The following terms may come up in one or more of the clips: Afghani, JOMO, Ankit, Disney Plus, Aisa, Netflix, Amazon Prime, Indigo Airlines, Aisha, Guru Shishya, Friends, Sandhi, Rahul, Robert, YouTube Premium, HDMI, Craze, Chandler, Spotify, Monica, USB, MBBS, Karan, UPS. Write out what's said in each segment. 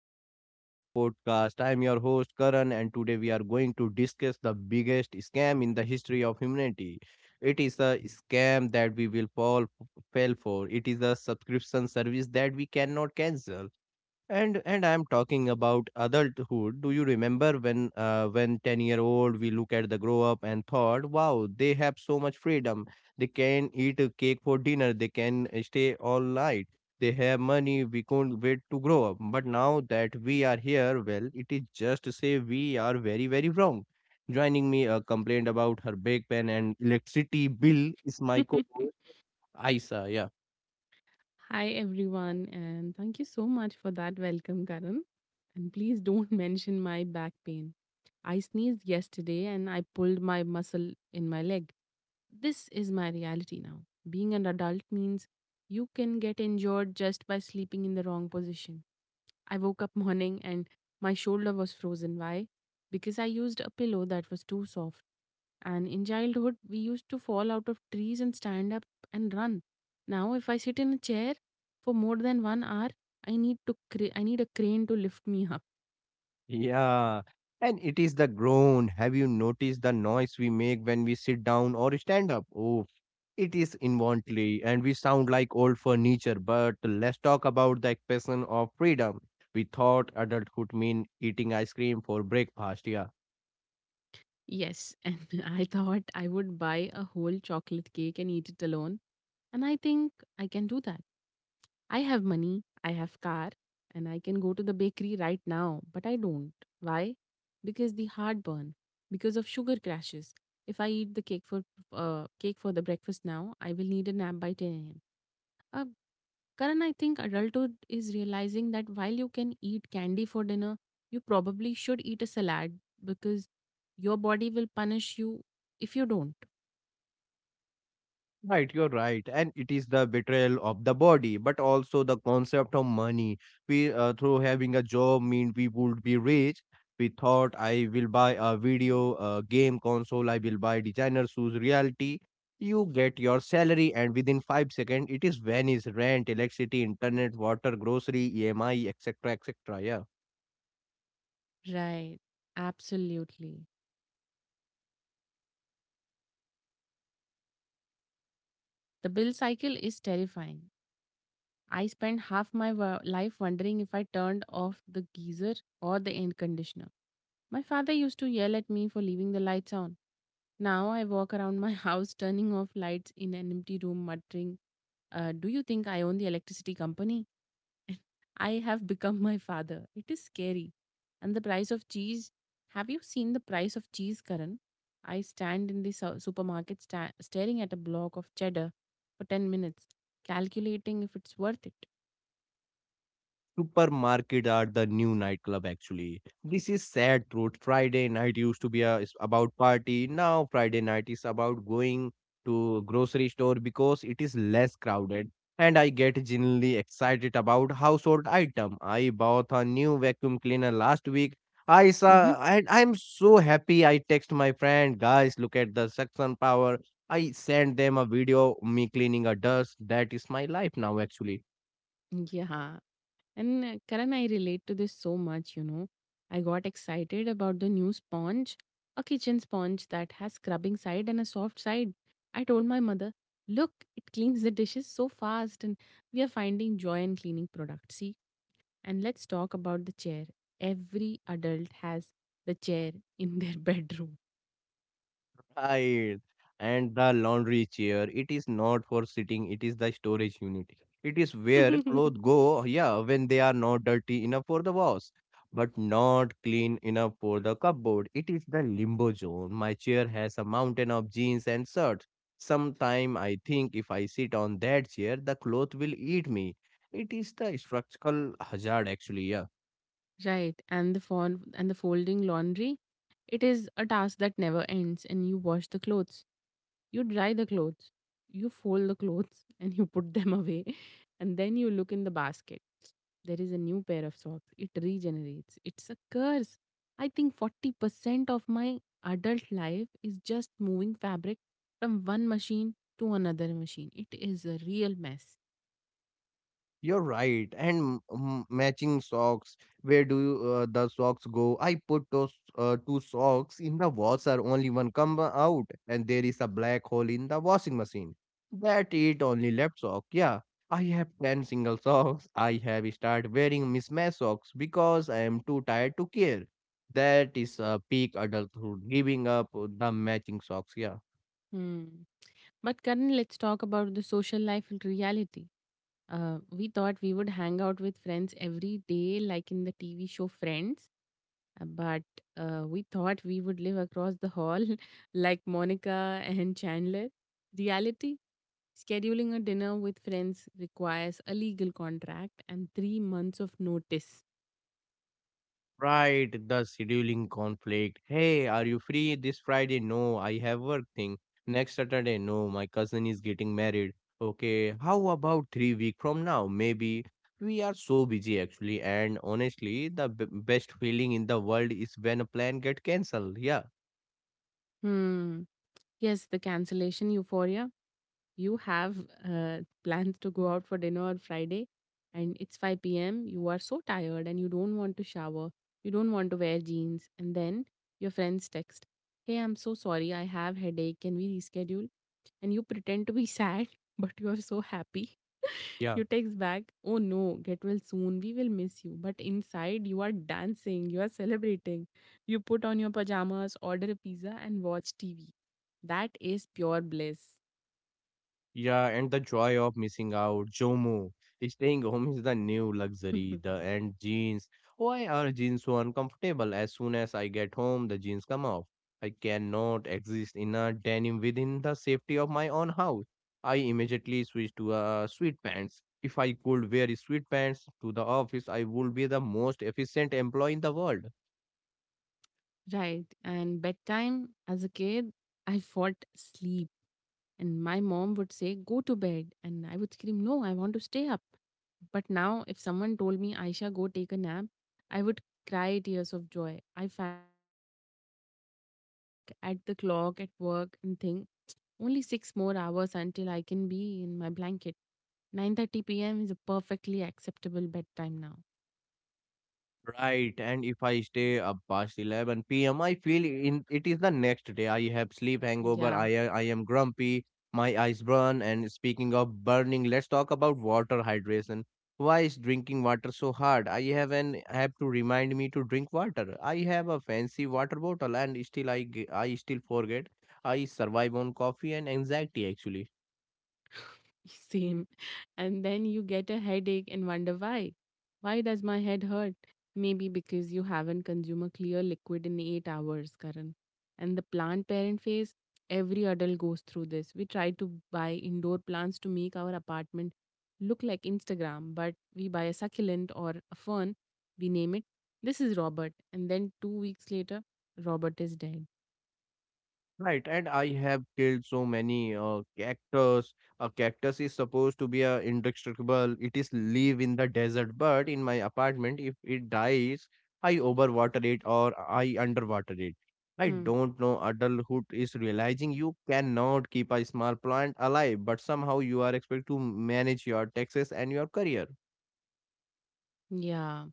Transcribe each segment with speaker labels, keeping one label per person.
Speaker 1: welcome back to the podcast. I am your host, Karan, and today we are going to discuss the biggest scam in the history of humanity. It is a scam that we will fell for. It is a subscription service that we cannot cancel. And I'm talking about adulthood. Do you remember when when 10-year-old we look at the grow up and thought, wow, they have so much freedom? They can eat a cake for dinner. They can stay all night. They have money. We couldn't wait to grow up. But now that we are here, well, it is just to say we are very very wrong. Joining me, a complaint about her big pen and electricity bill, is my co-host Aisa. Yeah.
Speaker 2: Hi, everyone, and thank you so much for that welcome, Karan. And please don't mention my back pain. I sneezed yesterday and I pulled my muscle in my leg. This is my reality now. Being an adult means you can get injured just by sleeping in the wrong position. I woke up morning and my shoulder was frozen. Why? Because I used a pillow that was too soft. And in childhood, we used to fall out of trees and stand up and run. Now, if I sit in a chair for more than 1 hour, I need a crane to lift me up.
Speaker 1: Yeah. And it is the groan. Have you noticed the noise we make when we sit down or stand up? Oh, it is involuntary and we sound like old furniture. But let's talk about the expression of freedom. We thought adulthood mean eating ice cream for breakfast. Yeah.
Speaker 2: Yes, and I thought I would buy a whole chocolate cake and eat it alone. And I think I can do that. I have money, I have car, and I can go to the bakery right now, but I don't. Why? Because the heartburn, because of sugar crashes. If I eat the cake for the breakfast now, I will need a nap by 10 a.m. Uh, Karan, I think adulthood is realizing that while you can eat candy for dinner, you probably should eat a salad because your body will punish you if you don't.
Speaker 1: Right, you're right. And it is the betrayal of the body, but also the concept of money. We through having a job, mean we would be rich. We thought I will buy a video, a game console, I will buy designer shoes. Reality, you get your salary, and within 5 seconds, it is vanished. Rent, electricity, internet, water, grocery, EMI, etc., etc. Yeah.
Speaker 2: Right. Absolutely. The bill cycle is terrifying. I spent half my life wondering if I turned off the geyser or the air conditioner. My father used to yell at me for leaving the lights on. Now I walk around my house turning off lights in an empty room, muttering, do you think I own the electricity company? I have become my father. It is scary. And the price of cheese. Have you seen the price of cheese, Karan? I stand in the supermarket staring at a block of cheddar for 10 minutes, calculating if it's worth it.
Speaker 1: Supermarket are the new nightclub actually. This is sad truth. Friday night used to be a, is about party. Now Friday night is about going to grocery store because it is less crowded. And I get genuinely excited about household item. I bought a new vacuum cleaner last week. I
Speaker 2: Mhm.
Speaker 1: saw and I'm so happy. I text my friend, guys, look at the suction power. I send them a video me cleaning a dust. That is my life now actually.
Speaker 2: Yeah, and Karan, I relate to this so much. I got excited about the new sponge, a kitchen sponge that has scrubbing side and a soft side. I told my mother, look, it cleans the dishes so fast, and we are finding joy in cleaning products. See, and let's talk about the chair. Every adult has the chair in their bedroom.
Speaker 1: Right. And the laundry chair, it is not for sitting, it is the storage unit. It is where clothes go, yeah, when they are not dirty enough for the wash, but not clean enough for the cupboard. It is the limbo zone. My chair has a mountain of jeans and shirts. Sometime I think if I sit on that chair, the cloth will eat me. It is the structural hazard, actually, yeah.
Speaker 2: Right, and the folding laundry, it is a task that never ends, and you wash the clothes. You dry the clothes, you fold the clothes, and you put them away. And then you look in the basket. There is a new pair of socks. It regenerates. It's a curse. I think 40% of my adult life is just moving fabric from one machine to another machine. It is a real mess.
Speaker 1: You're right. And matching socks. Where do the socks go? I put those two socks in the washer. Only one come out, and there is a black hole in the washing machine. That it only left sock. Yeah, I have ten single socks. I have start wearing mismatched socks because I am too tired to care. That is a peak adulthood, giving up the matching socks. Yeah.
Speaker 2: Hmm. But Karan, let's talk about the social life and reality. We thought we would hang out with friends every day, like in the TV show Friends. But we thought we would live across the hall like Monica and Chandler. Reality, scheduling a dinner with friends requires a legal contract and 3 months of notice.
Speaker 1: Right, the scheduling conflict. Hey, are you free this Friday? No, I have work thing. Next Saturday? No, my cousin is getting married. Okay, how about 3 week from now? Maybe. We are so busy actually, and honestly, the b best feeling in the world is when a plan get cancelled. Yeah,
Speaker 2: Hmm. Yes, the cancellation euphoria. You have plans to go out for dinner on Friday and it's 5 p.m. You are so tired and you don't want to shower. You don't want to wear jeans. And then your friends text, Hey, I'm so sorry. I have headache. Can we reschedule? And you pretend to be sad, but you are so happy.
Speaker 1: yeah.
Speaker 2: You text back, Oh no, get well soon. We will miss you. But inside, you are dancing. You are celebrating. You put on your pajamas, order a pizza, and watch TV. That is pure bliss.
Speaker 1: Yeah, and the joy of missing out, JOMO. Staying home is the new luxury. The and jeans. Why are jeans so uncomfortable? As soon as I get home, the jeans come off. I cannot exist in a denim within the safety of my own house. I immediately switch to sweatpants. If I could wear sweatpants to the office, I would be the most efficient employee in the world.
Speaker 2: Right. And bedtime as a kid, I fought sleep. And my mom would say, go to bed. And I would scream, no, I want to stay up. But now, if someone told me, Aisha, go take a nap, I would cry tears of joy. I fantasize about sleep. And I look at the clock at work and think, only 6 more hours until I can be in my blanket. 9:30 p.m. is a perfectly acceptable bedtime now.
Speaker 1: Right, and if I stay up past 11 p.m., I feel in it is the next day. I have sleep hangover.
Speaker 2: Yeah.
Speaker 1: I am grumpy. My eyes burn. And speaking of burning, let's talk about water hydration. Why is drinking water so hard? I have an app to remind me to drink water. I have a fancy water bottle, and still I still forget. I survive on coffee and anxiety actually.
Speaker 2: Same. And then you get a headache and wonder why. Why does my head hurt? Maybe because you haven't consumed a clear liquid in 8 hours, Karan. And the plant parent phase, every adult goes through this. We try to buy indoor plants to make our apartment look like Instagram, but we buy a succulent or a fern, we name it. This is Robert. And then 2 weeks later, Robert is dead.
Speaker 1: Right, and I have killed so many cactus. A cactus is supposed to be indestructible. It is live in the desert, but in my apartment, if it dies, I overwater it or I underwater it. I don't know. Adulthood is realizing you cannot keep a small plant alive, but somehow you are expected to manage your taxes and your career.
Speaker 2: Yeah.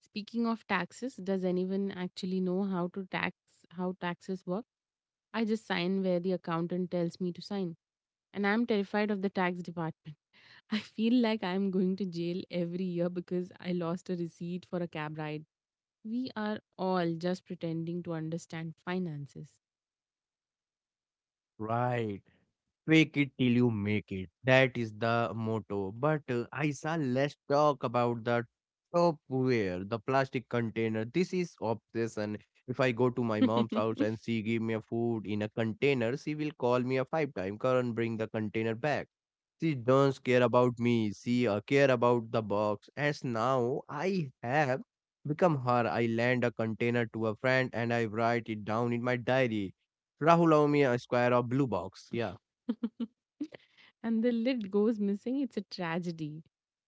Speaker 2: Speaking of taxes, does anyone actually know how taxes work? I just sign where the accountant tells me to sign. And I'm terrified of the tax department. I feel like I'm going to jail every year because I lost a receipt for a cab ride. We are all just pretending to understand finances.
Speaker 1: Right. Fake it till you make it. That is the motto. But Aisa, let's talk about the topware, the plastic container. This is obsession. If I go to my mom's house and she give me a food in a container, she will call me a five time. Karan, bring the container back. She doesn't care about me. She care about the box. As now I have become her. I lend a container to a friend and I write it down in my diary. Rahul, allow me a square of blue box. Yeah,
Speaker 2: And the lid goes missing, it's a tragedy.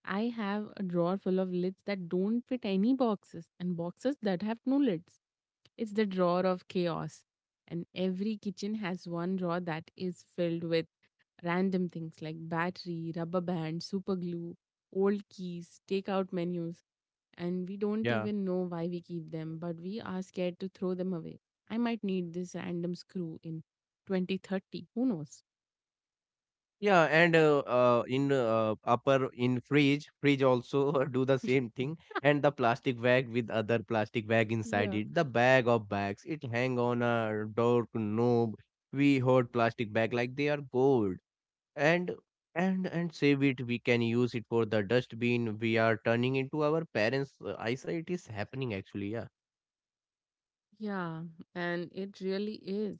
Speaker 2: I have a drawer full of lids that don't fit any boxes and boxes that have no lids. It's the drawer of chaos. And every kitchen has one drawer that is filled with random things like battery, rubber band, super glue, old keys, takeout menus, and we don't
Speaker 1: yeah.
Speaker 2: even know why we keep them, but we are scared to throw them away. I might need this random screw in 2030. Who knows?
Speaker 1: Yeah, and in fridge also do the same
Speaker 2: Mm.
Speaker 1: thing, and the plastic bag with other plastic bag inside
Speaker 2: Yeah.
Speaker 1: it. The bag of bags, it hang on a door knob. We hold plastic bag like they are gold, and and save it. We can use it for the dustbin. We are turning into our parents' eyesight is happening actually. Yeah.
Speaker 2: Yeah, and it really is.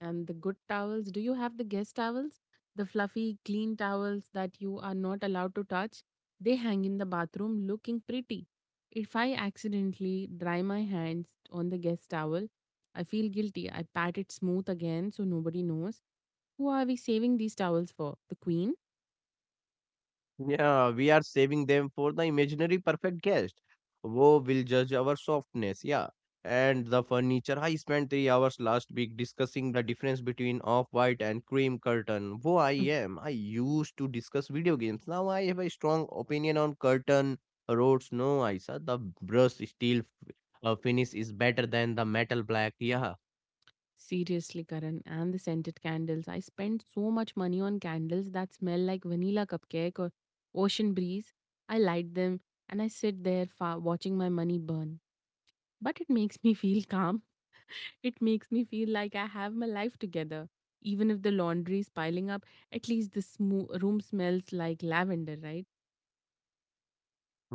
Speaker 2: And the good towels, do you have the guest towels? The fluffy, clean towels that you are not allowed to touch? They hang in the bathroom looking pretty. If I accidentally dry my hands on the guest towel, I feel guilty. I pat it smooth again so nobody knows. Who are we saving these towels for? The queen?
Speaker 1: Yeah, we are saving them for the imaginary perfect guest who will judge our softness. Yeah. And the furniture. I spent 3 hours last week discussing the difference between off-white and cream curtain. Who I am. I used to discuss video games. Now I have a strong opinion on curtain roads. No, I said the brushed steel f- finish is better than the metal black. Yeah.
Speaker 2: Seriously, Karan, and the scented candles. I spent so much money on candles that smell like vanilla cupcake or ocean breeze. I light them and I sit there watching my money burn. But it makes me feel calm. It makes me feel like I have my life together. Even if the laundry is piling up, at least the room smells like lavender, right?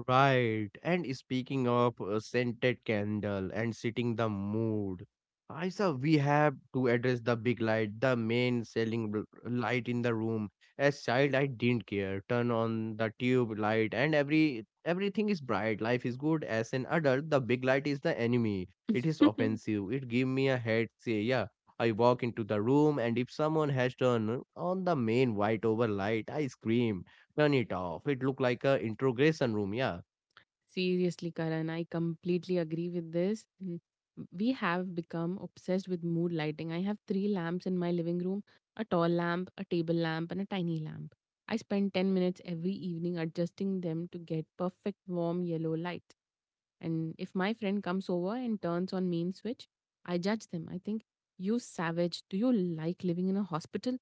Speaker 1: Right. And speaking of scented candle and setting the mood, I saw we have to address the big light, the main light in the room. As child, I didn't care. Turn on the tube light, and everything is bright. Life is good. As an adult, the big light is the enemy. It is offensive. It give me a head. Say, yeah. I walk into the room, and if someone has turned on the main white over light, I scream turn it off. It looked like a interrogation room, yeah.
Speaker 2: Seriously, Karan, I completely agree with this. Mm. We have become obsessed with mood lighting. I have three lamps in my living room: a tall lamp, a table lamp, and a tiny lamp. I spend 10 minutes every evening adjusting them to get perfect warm yellow light. And if my friend comes over and turns on mean switch, I judge them. I think, you savage, do you like living in a hospital?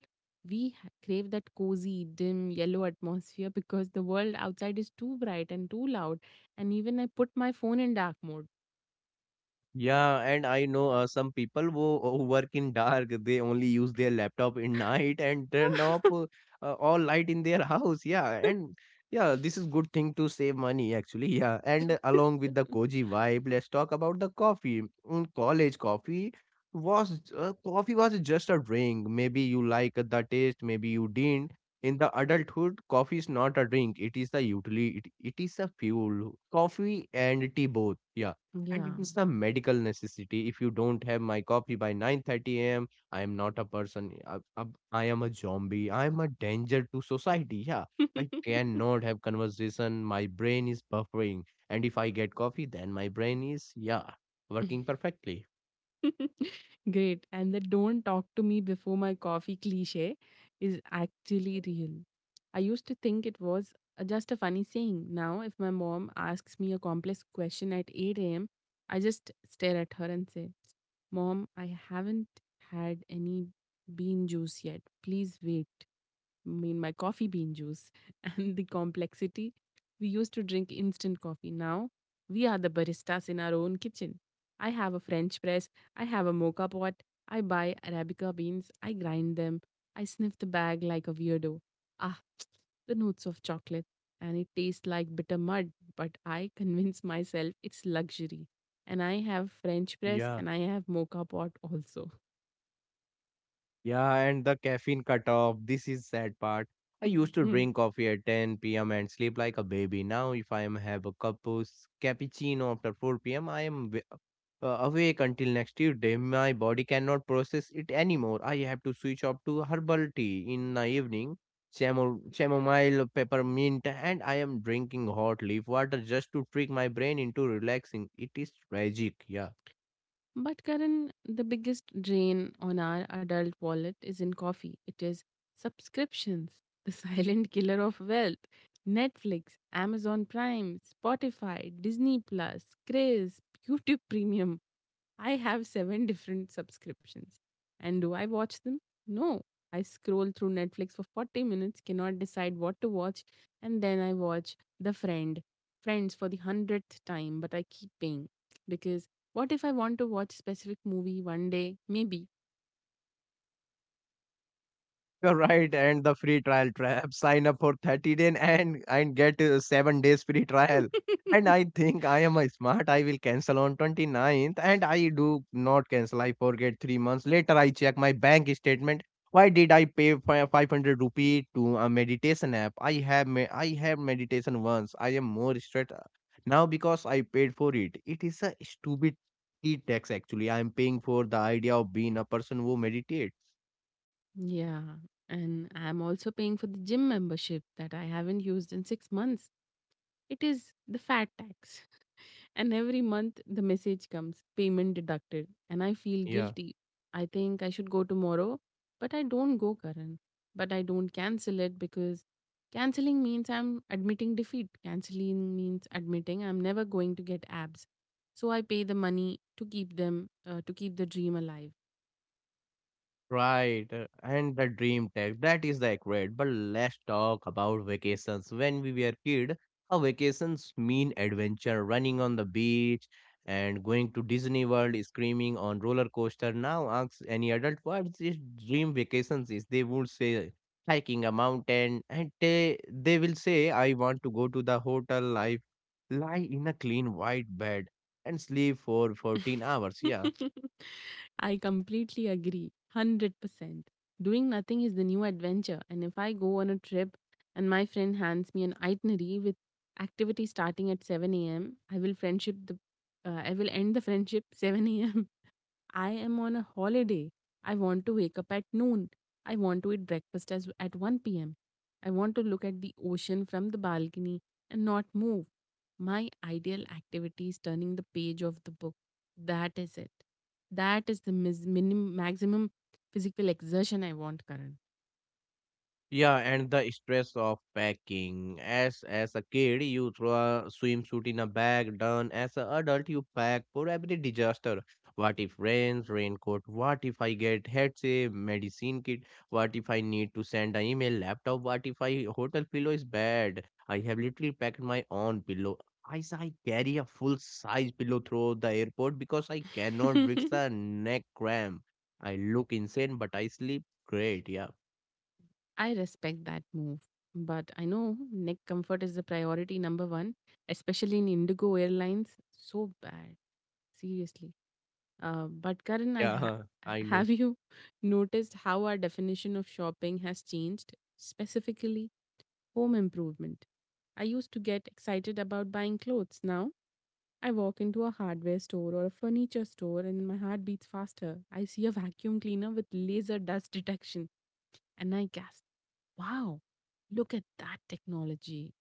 Speaker 2: We crave that cozy, dim, yellow atmosphere because the world outside is too bright and too loud, and even I put my phone in dark mode.
Speaker 1: Yeah, and I know some people who work in dark. They only use their laptop in night and turn off all light in their house. Yeah, and yeah, this is good thing to save money actually. Yeah, and along with the cozy vibe, let's talk about the coffee. Mm, college coffee was just a drink. Maybe you like the taste, maybe you didn't. In the adulthood, coffee is not a drink. It is the utility. It is a fuel. Coffee and tea both. Yeah, and
Speaker 2: Yeah.
Speaker 1: it is a medical necessity. If you don't have my coffee by 9:30 a.m., I am not a person. I am a zombie. I am a danger to society. Yeah, I cannot have conversation. My brain is buffering, and if I get coffee then my brain is, yeah, working perfectly.
Speaker 2: Great. And the don't talk to me before my coffee cliche is actually real. I used to think it was just a funny saying. Now, if my mom asks me a complex question at 8 a.m., I just stare at her and say, Mom, I haven't had any bean juice yet. Please wait. Mean my coffee bean juice, and the complexity. We used to drink instant coffee. Now we are the baristas in our own kitchen. I have a French press, I have a mocha pot, I buy Arabica beans, I grind them, I sniff the bag like a weirdo. Ah, the notes of chocolate, and it tastes like bitter mud, but I convince myself it's luxury. And I have French press
Speaker 1: Yeah.
Speaker 2: and I have mocha pot also.
Speaker 1: Yeah, and the caffeine cutoff. This is sad part. I used to drink coffee at 10 p.m. and sleep like a baby. Now, if I am have a cup of cappuccino after 4 p.m., I am awake until next Tuesday. My body cannot process it anymore. I have to switch up to herbal tea in the evening, chamomile, peppermint, and I am drinking hot leaf water just to trick my brain into relaxing. It is tragic. Yeah.
Speaker 2: But Karan, the biggest drain on our adult wallet is in coffee. It is subscriptions, the silent killer of wealth. Netflix, Amazon Prime, Spotify, Disney Plus, Craze, YouTube Premium. I have seven different subscriptions. And do I watch them? No. I scroll through Netflix for 40 minutes, cannot decide what to watch, and then I watch Friends for the 100th time, but I keep paying. Because what if I want to watch specific movie one day? Maybe.
Speaker 1: You're right, and the free trial trap. Sign up for 30 day and get 7 days free trial. And I think I am a smart. I will cancel on 29th, and I do not cancel. I forget 3 months later. I check my bank statement. Why did I pay 500 rupee to a meditation app? I have meditation once. I am more stressed now because I paid for it. It is a stupid tax actually. I am paying for the idea of being a person who meditates.
Speaker 2: Yeah. And I'm also paying for the gym membership that I haven't used in 6 months. It is the fat tax. And every month the message comes, payment deducted, and I feel
Speaker 1: Yeah.
Speaker 2: guilty. I think I should go tomorrow, but I don't go, Karan. But I don't cancel it because canceling means I'm admitting defeat. Canceling means admitting I'm never going to get abs. So I pay the money to to keep the dream alive.
Speaker 1: Right, and the dream tech, that is the accurate. But let's talk about vacations. When we were kid, our vacations mean adventure, running on the beach and going to Disney World, screaming on roller coaster. Now ask any adult what is dream vacations is. They would say hiking a mountain, and they will say I want to go to the hotel. I lie in a clean white bed and sleep for 14 hours. Yeah.
Speaker 2: I completely agree. 100%. Doing nothing is the new adventure. And if I go on a trip and my friend hands me an itinerary with activity starting at 7 a.m., I will end the friendship 7 a.m. I am on a holiday. I want to wake up at noon. I want to eat breakfast at 1 p.m. I want to look at the ocean from the balcony and not move. My ideal activity is turning the page of the book. That is it. That is the maximum physical exertion I want, Karan.
Speaker 1: Yeah, and the stress of packing. As a kid, you throw a swimsuit in a bag. Done. As an adult, you pack for every disaster. What if rains, raincoat? What if I get headache, medicine kit? What if I need to send an email, laptop? What if I hotel pillow is bad? I have literally packed my own pillow. I carry a full size pillow through the airport because I cannot risk the neck cramp. I look insane, but I sleep great. Yeah.
Speaker 2: I respect that move. But I know neck comfort is the priority number one, especially in Indigo Airlines. So bad. Seriously. But Karan,
Speaker 1: Yeah, huh, I know.
Speaker 2: have you noticed how our definition of shopping has changed? Specifically, home improvement. I used to get excited about buying clothes. Now I walk into a hardware store or a furniture store and my heart beats faster. I see a vacuum cleaner with laser dust detection and I gasp, wow, look at that technology.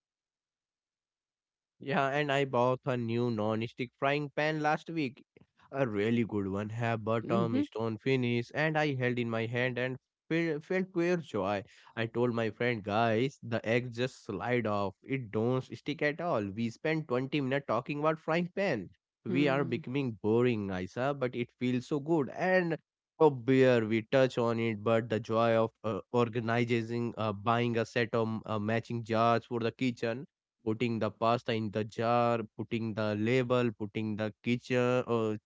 Speaker 1: Yeah, and I bought a new non-stick frying pan last week. A really good one, have bottom,
Speaker 2: Mhm.
Speaker 1: stone finish, and I held in my hand and felt pure joy. I told my friend, guys, the eggs just slide off. It don't stick at all. We spent 20 minutes talking about frying pan. We are
Speaker 2: Hmm.
Speaker 1: becoming boring, Isa, but it feels so good. And oh beer, we touch on it, but the joy of organizing, buying a set of matching jars for the kitchen, putting the pasta in the jar, putting the label, putting the kitchen or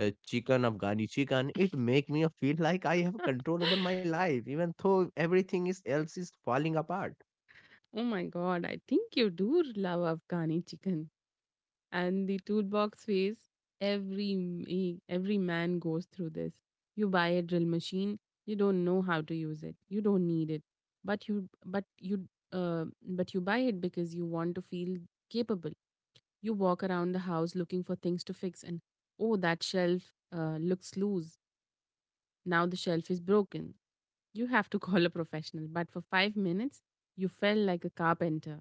Speaker 1: chicken, Afghani chicken. It make me feel like I have control over my life, even though everything is else is falling apart.
Speaker 2: Oh my god, I think you do love Afghani chicken. And the toolbox phase, every man goes through this. You buy a drill machine, you don't know how to use it, you don't need it, but you but you uh, but you buy it because you want to feel capable. You walk around the house looking for things to fix and oh, that shelf looks loose. Now the shelf is broken, you have to call a professional, but for 5 minutes you felt like a carpenter.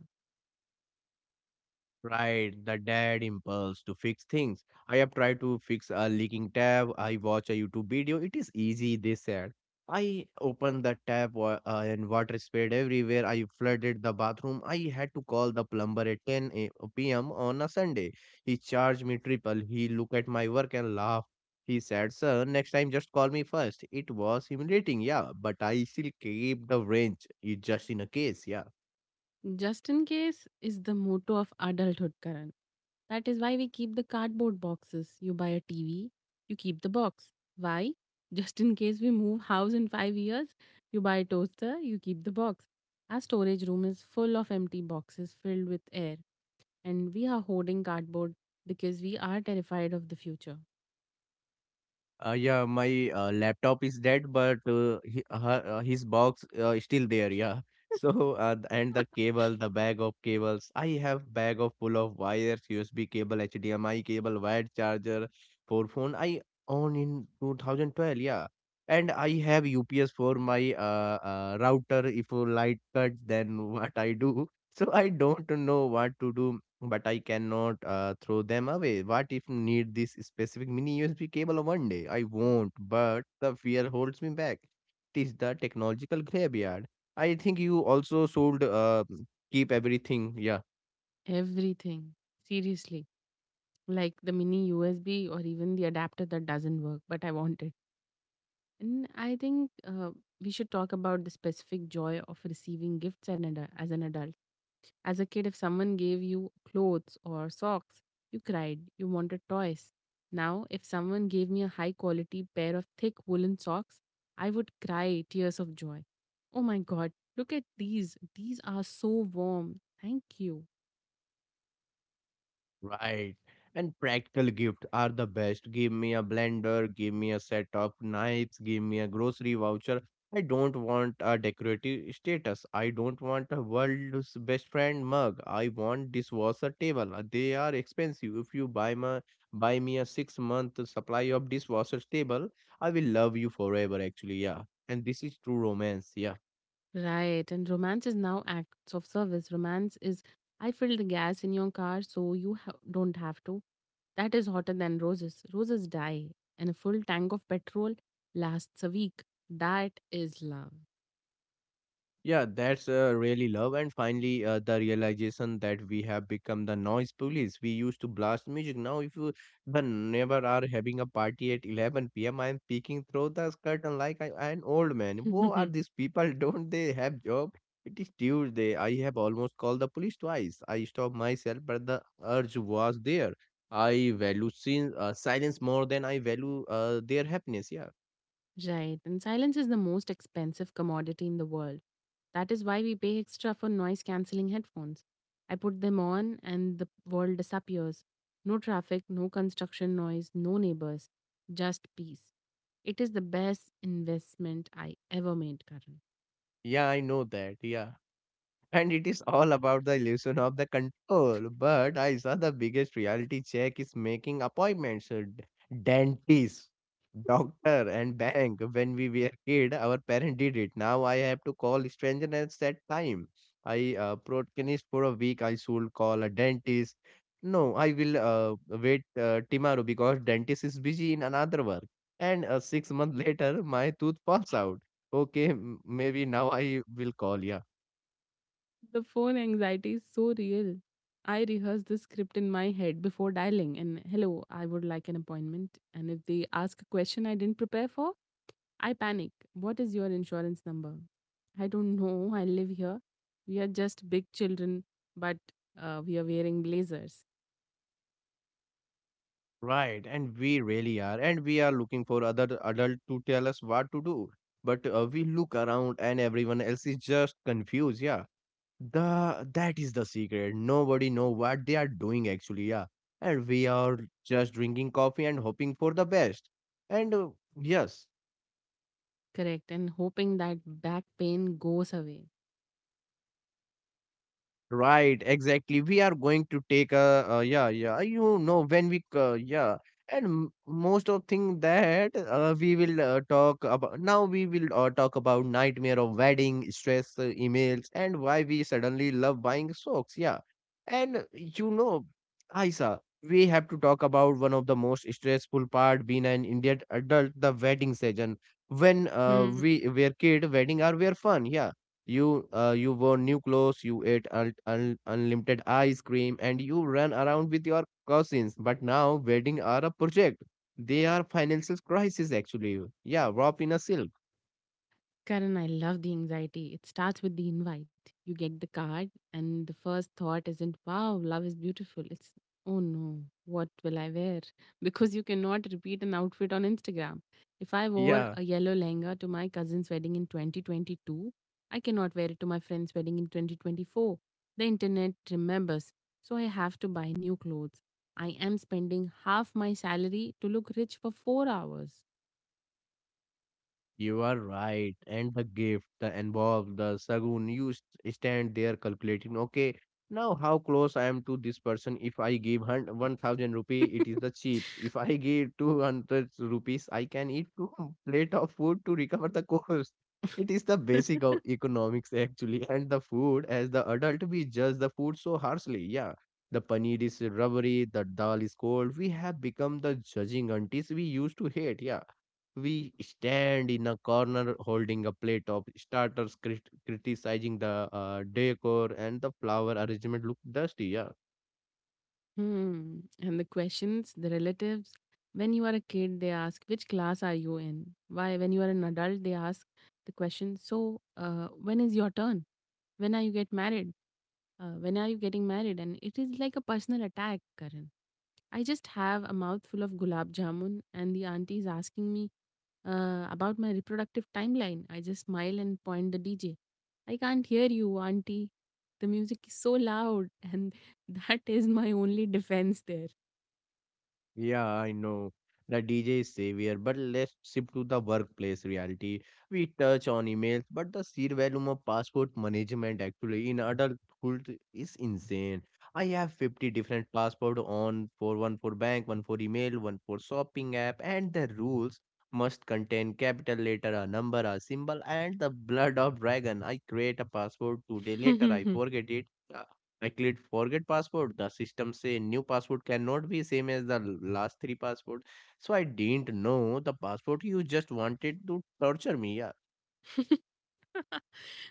Speaker 1: Right, the dad impulse to fix things. I have tried to fix a leaking tab. I watch a YouTube video. It is easy, they said. I opened the tap, and water sprayed everywhere. I flooded the bathroom. I had to call the plumber at 10 p.m. on a Sunday. He charged me triple. He looked at my work and laughed. He said, "Sir, next time just call me first." It was humiliating, yeah, but I still keep the wrench. It just in a case, yeah.
Speaker 2: Just in case is the motto of adulthood, Karan. That is why we keep the cardboard boxes. You buy a TV, you keep the box. Why? Just in case we move house in 5 years, you buy a toaster, you keep the box. Our storage room is full of empty boxes filled with air, and we are hoarding cardboard because we are terrified of the future.
Speaker 1: Yeah, my laptop is dead, but his box is still there. Yeah. So and the cable, the bag of cables. I have bag of full of wires, USB cable, HDMI cable, wired charger for phone. I own in 2012. Yeah, and I have UPS for my router. If a light cut, then what I do? So I don't know what to do but I cannot throw them away. What if need this specific mini USB cable one day? I won't, but the fear holds me back. It is the technological graveyard. I think you also should keep everything. Yeah.
Speaker 2: Everything. Seriously. Like the mini USB or even the adapter that doesn't work, but I want it. And I think we should talk about the specific joy of receiving gifts and as an adult. As a kid, if someone gave you clothes or socks, you cried, you wanted toys. Now, if someone gave me a high quality pair of thick woolen socks, I would cry tears of joy. Oh my god, look at these. These are so warm. Thank you.
Speaker 1: Right. And practical gift are the best. Give me a blender, give me a set of knives, give me a grocery voucher. I don't want a decorative status. I don't want a world's best friend mug. I want dishwasher table. They are expensive. If you buy me a 6 month supply of dishwasher table, I will love you forever actually, yeah. And this is true romance, yeah.
Speaker 2: Right, and romance is now acts of service. Romance is I filled the gas in your car so don't have to. That is hotter than roses. Roses die, and a full tank of petrol lasts a week. That is love.
Speaker 1: Yeah, that's really love. And finally, the realization that we have become the noise police. We used to blast music. Now, if you the neighbor are having a party at 11 p.m., I am peeking through the curtain like I, an old man. Who are these people? Don't they have job? It is Tuesday. I have almost called the police twice. I stopped myself, but the urge was there. I value silence more than I value their happiness. Yeah.
Speaker 2: Right. And silence is the most expensive commodity in the world. That is why we pay extra for noise cancelling headphones. I put them on and the world disappears. No traffic, no construction noise, no neighbors, just peace. It is the best investment I ever made, Karan.
Speaker 1: Yeah, I know that. Yeah. And it is all about the illusion of the control. But I saw the biggest reality check is making appointments, dentist, doctor, and bank. When we were kid, our parent did it. Now I have to call stranger at that time. I procrastinate for a week. I should call a dentist. No, I will wait tomorrow because dentist is busy in another work. And 6 months later, my tooth falls out. Okay, maybe now I will call. Yeah.
Speaker 2: The phone anxiety is so real. I rehearse the script in my head before dialing and hello, I would like an appointment. And if they ask a question I didn't prepare for, I panic. What is your insurance number? I don't know. I live here. We are just big children, but we are wearing blazers.
Speaker 1: Right, and we really are, and we are looking for other adult to tell us what to do. But we look around, and everyone else is just confused. Yeah, the that is the secret. Nobody know what they are doing actually. Yeah, and we are just drinking coffee and hoping for the best. And yes.
Speaker 2: Correct. And hoping that back pain goes away.
Speaker 1: Right, exactly. We are going to take a yeah, yeah. You know when we yeah, and most of thing that we will talk about now. We will talk about nightmare of wedding, stress, emails, and why we suddenly love buying socks. Yeah, and you know, Aisa, we have to talk about one of the most stressful part being an Indian adult, the wedding season. When
Speaker 2: Hmm.
Speaker 1: we were kid, wedding are were fun. Yeah, you wore new clothes, you ate unlimited ice cream, and you ran around with your cousins. But now wedding are a project. They are financial crisis actually. Yeah, wrap in a silk.
Speaker 2: Karan, I love the anxiety. It starts with the invite. You get the card, and the first thought isn't, wow, love is beautiful. It's, oh no, what will I wear? Because you cannot repeat an outfit on Instagram. If I wore
Speaker 1: Yeah.
Speaker 2: a yellow lehenga to my cousin's wedding in 2022, I cannot wear it to my friend's wedding in 2024. The internet remembers, so I have to buy new clothes. I am spending half my salary to look rich for 4 hours.
Speaker 1: You are right. And the gift, the involved, the sagun, you stand there calculating, okay, now how close I am to this person. If I give 1000 rupee, it is the cheap. If I give 200 rupees, I can eat two plate of food to recover the cost. It is the basic of economics actually. And the food, as the adult, we judge the food so harshly. Yeah. The paneer is rubbery, the dal is cold. We have become the judging aunties we used to hate. Yeah, we stand in a corner holding a plate of starters, criticizing the decor and the flower arrangement look dusty. Yeah.
Speaker 2: Hmm. And the questions, the relatives, when you are a kid, they ask, which class are you in? Why, when you are an adult, they ask the question, so when is your turn? When are you get married? When are you getting married? And it is like a personal attack, Karan. I just have a mouthful of gulab jamun, and the auntie is asking me about my reproductive timeline. I just smile and point the DJ. I can't hear you, auntie. The music is so loud, and that is my only defense there.
Speaker 1: Yeah, I know. The DJ is savior, but let's shift to the workplace reality. We touch on emails, but the sheer volume of passport management actually in adulthood is insane. I have 50 different passport on for one for bank, one for email, one for shopping app, and the rules must contain capital letter, a number, a symbol, and the blood of dragon. I create a passport today, later I forget it. I clicked forget password. The system say new password cannot be same as the l- last three password. So I didn't know the password. You just wanted to torture me. Yeah.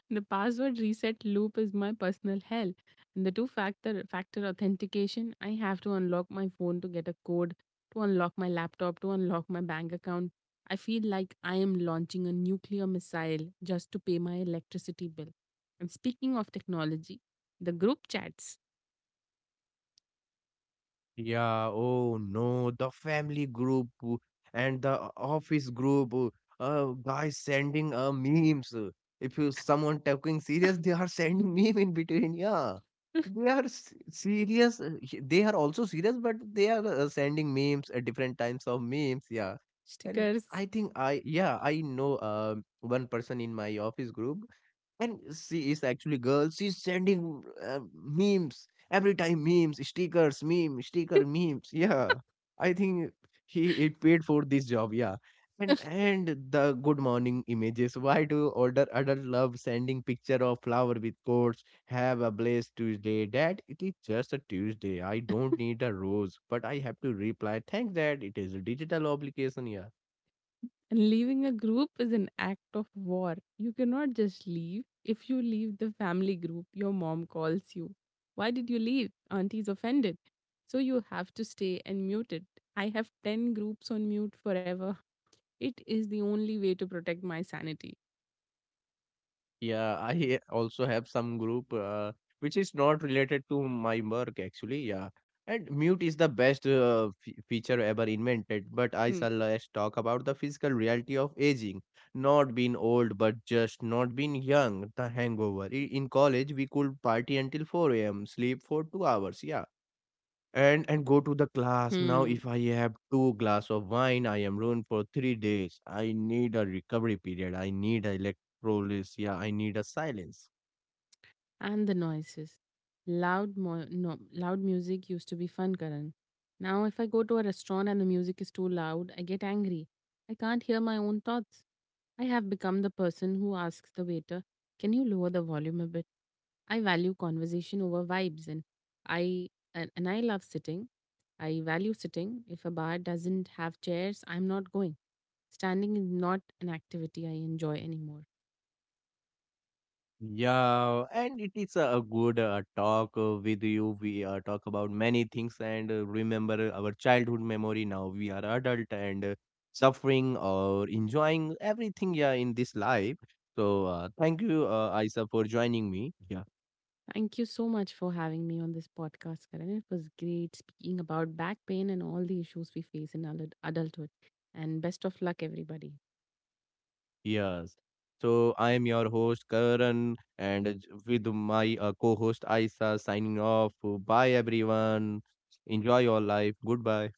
Speaker 2: The password reset loop is my personal hell. And the two factor authentication, I have to unlock my phone to get a code, to unlock my laptop, to unlock my bank account. I feel like I am launching a nuclear missile just to pay my electricity bill. And speaking of technology, the group chats,
Speaker 1: Yeah, oh no, the family group and the office group, guys sending memes. If you someone talking serious, they are sending meme in between. Yeah, serious. They are also serious, but they are sending memes at different times of memes. Yeah, and
Speaker 2: stickers.
Speaker 1: I think I yeah I know one person in my office group. And she is actually girl. She's sending memes every time. Memes, stickers, meme, sticker, memes. Yeah, I think he it paid for this job. Yeah, and the good morning images. Why do older adult love sending picture of flower with quotes? Have a blessed Tuesday, Dad. It is just a Tuesday. I don't need a rose, but I have to reply. Thanks, Dad. It is a digital obligation. Yeah.
Speaker 2: And leaving a group is an act of war. You cannot just leave. If you leave the family group, your mom calls you. Why did you leave? Auntie's offended. So you have to stay and mute it. I have 10 groups on mute forever. It is the only way to protect my sanity.
Speaker 1: Yeah, I also have some group which is not related to my work actually. Yeah, and mute is the best f feature ever invented. But I
Speaker 2: Hmm.
Speaker 1: shall let's talk about the physical reality of aging. Not being old, but just not being young. The hangover. In college, we could party until 4 a.m., sleep for 2 hours. Yeah, and go to the class. Now
Speaker 2: Hmm.
Speaker 1: if I have two glass of wine I am ruined for 3 days. I need a recovery period, I need a electrolysis, yeah, I need a silence.
Speaker 2: And the noises. Loud, mo- no, Loud music used to be fun, Karan. Now, if I go to a restaurant and the music is too loud, I get angry. I can't hear my own thoughts. I have become the person who asks the waiter, "Can you lower the volume a bit?" I value conversation over vibes, and I I love sitting. I value sitting. If a bar doesn't have chairs, I'm not going. Standing is not an activity I enjoy anymore.
Speaker 1: Yeah, and it is a good talk with you. We talk about many things and remember our childhood memory. Now we are adult and suffering or enjoying everything, yeah, in this life. So thank you Isa for joining me, yeah.
Speaker 2: Thank you so much for having me on this podcast, Karan. It was great speaking about back pain and all the issues we face in adulthood. And best of luck, everybody.
Speaker 1: Yes. So I am your host Karan and with my co-host Aisa signing off. Bye everyone. Enjoy your life. Goodbye.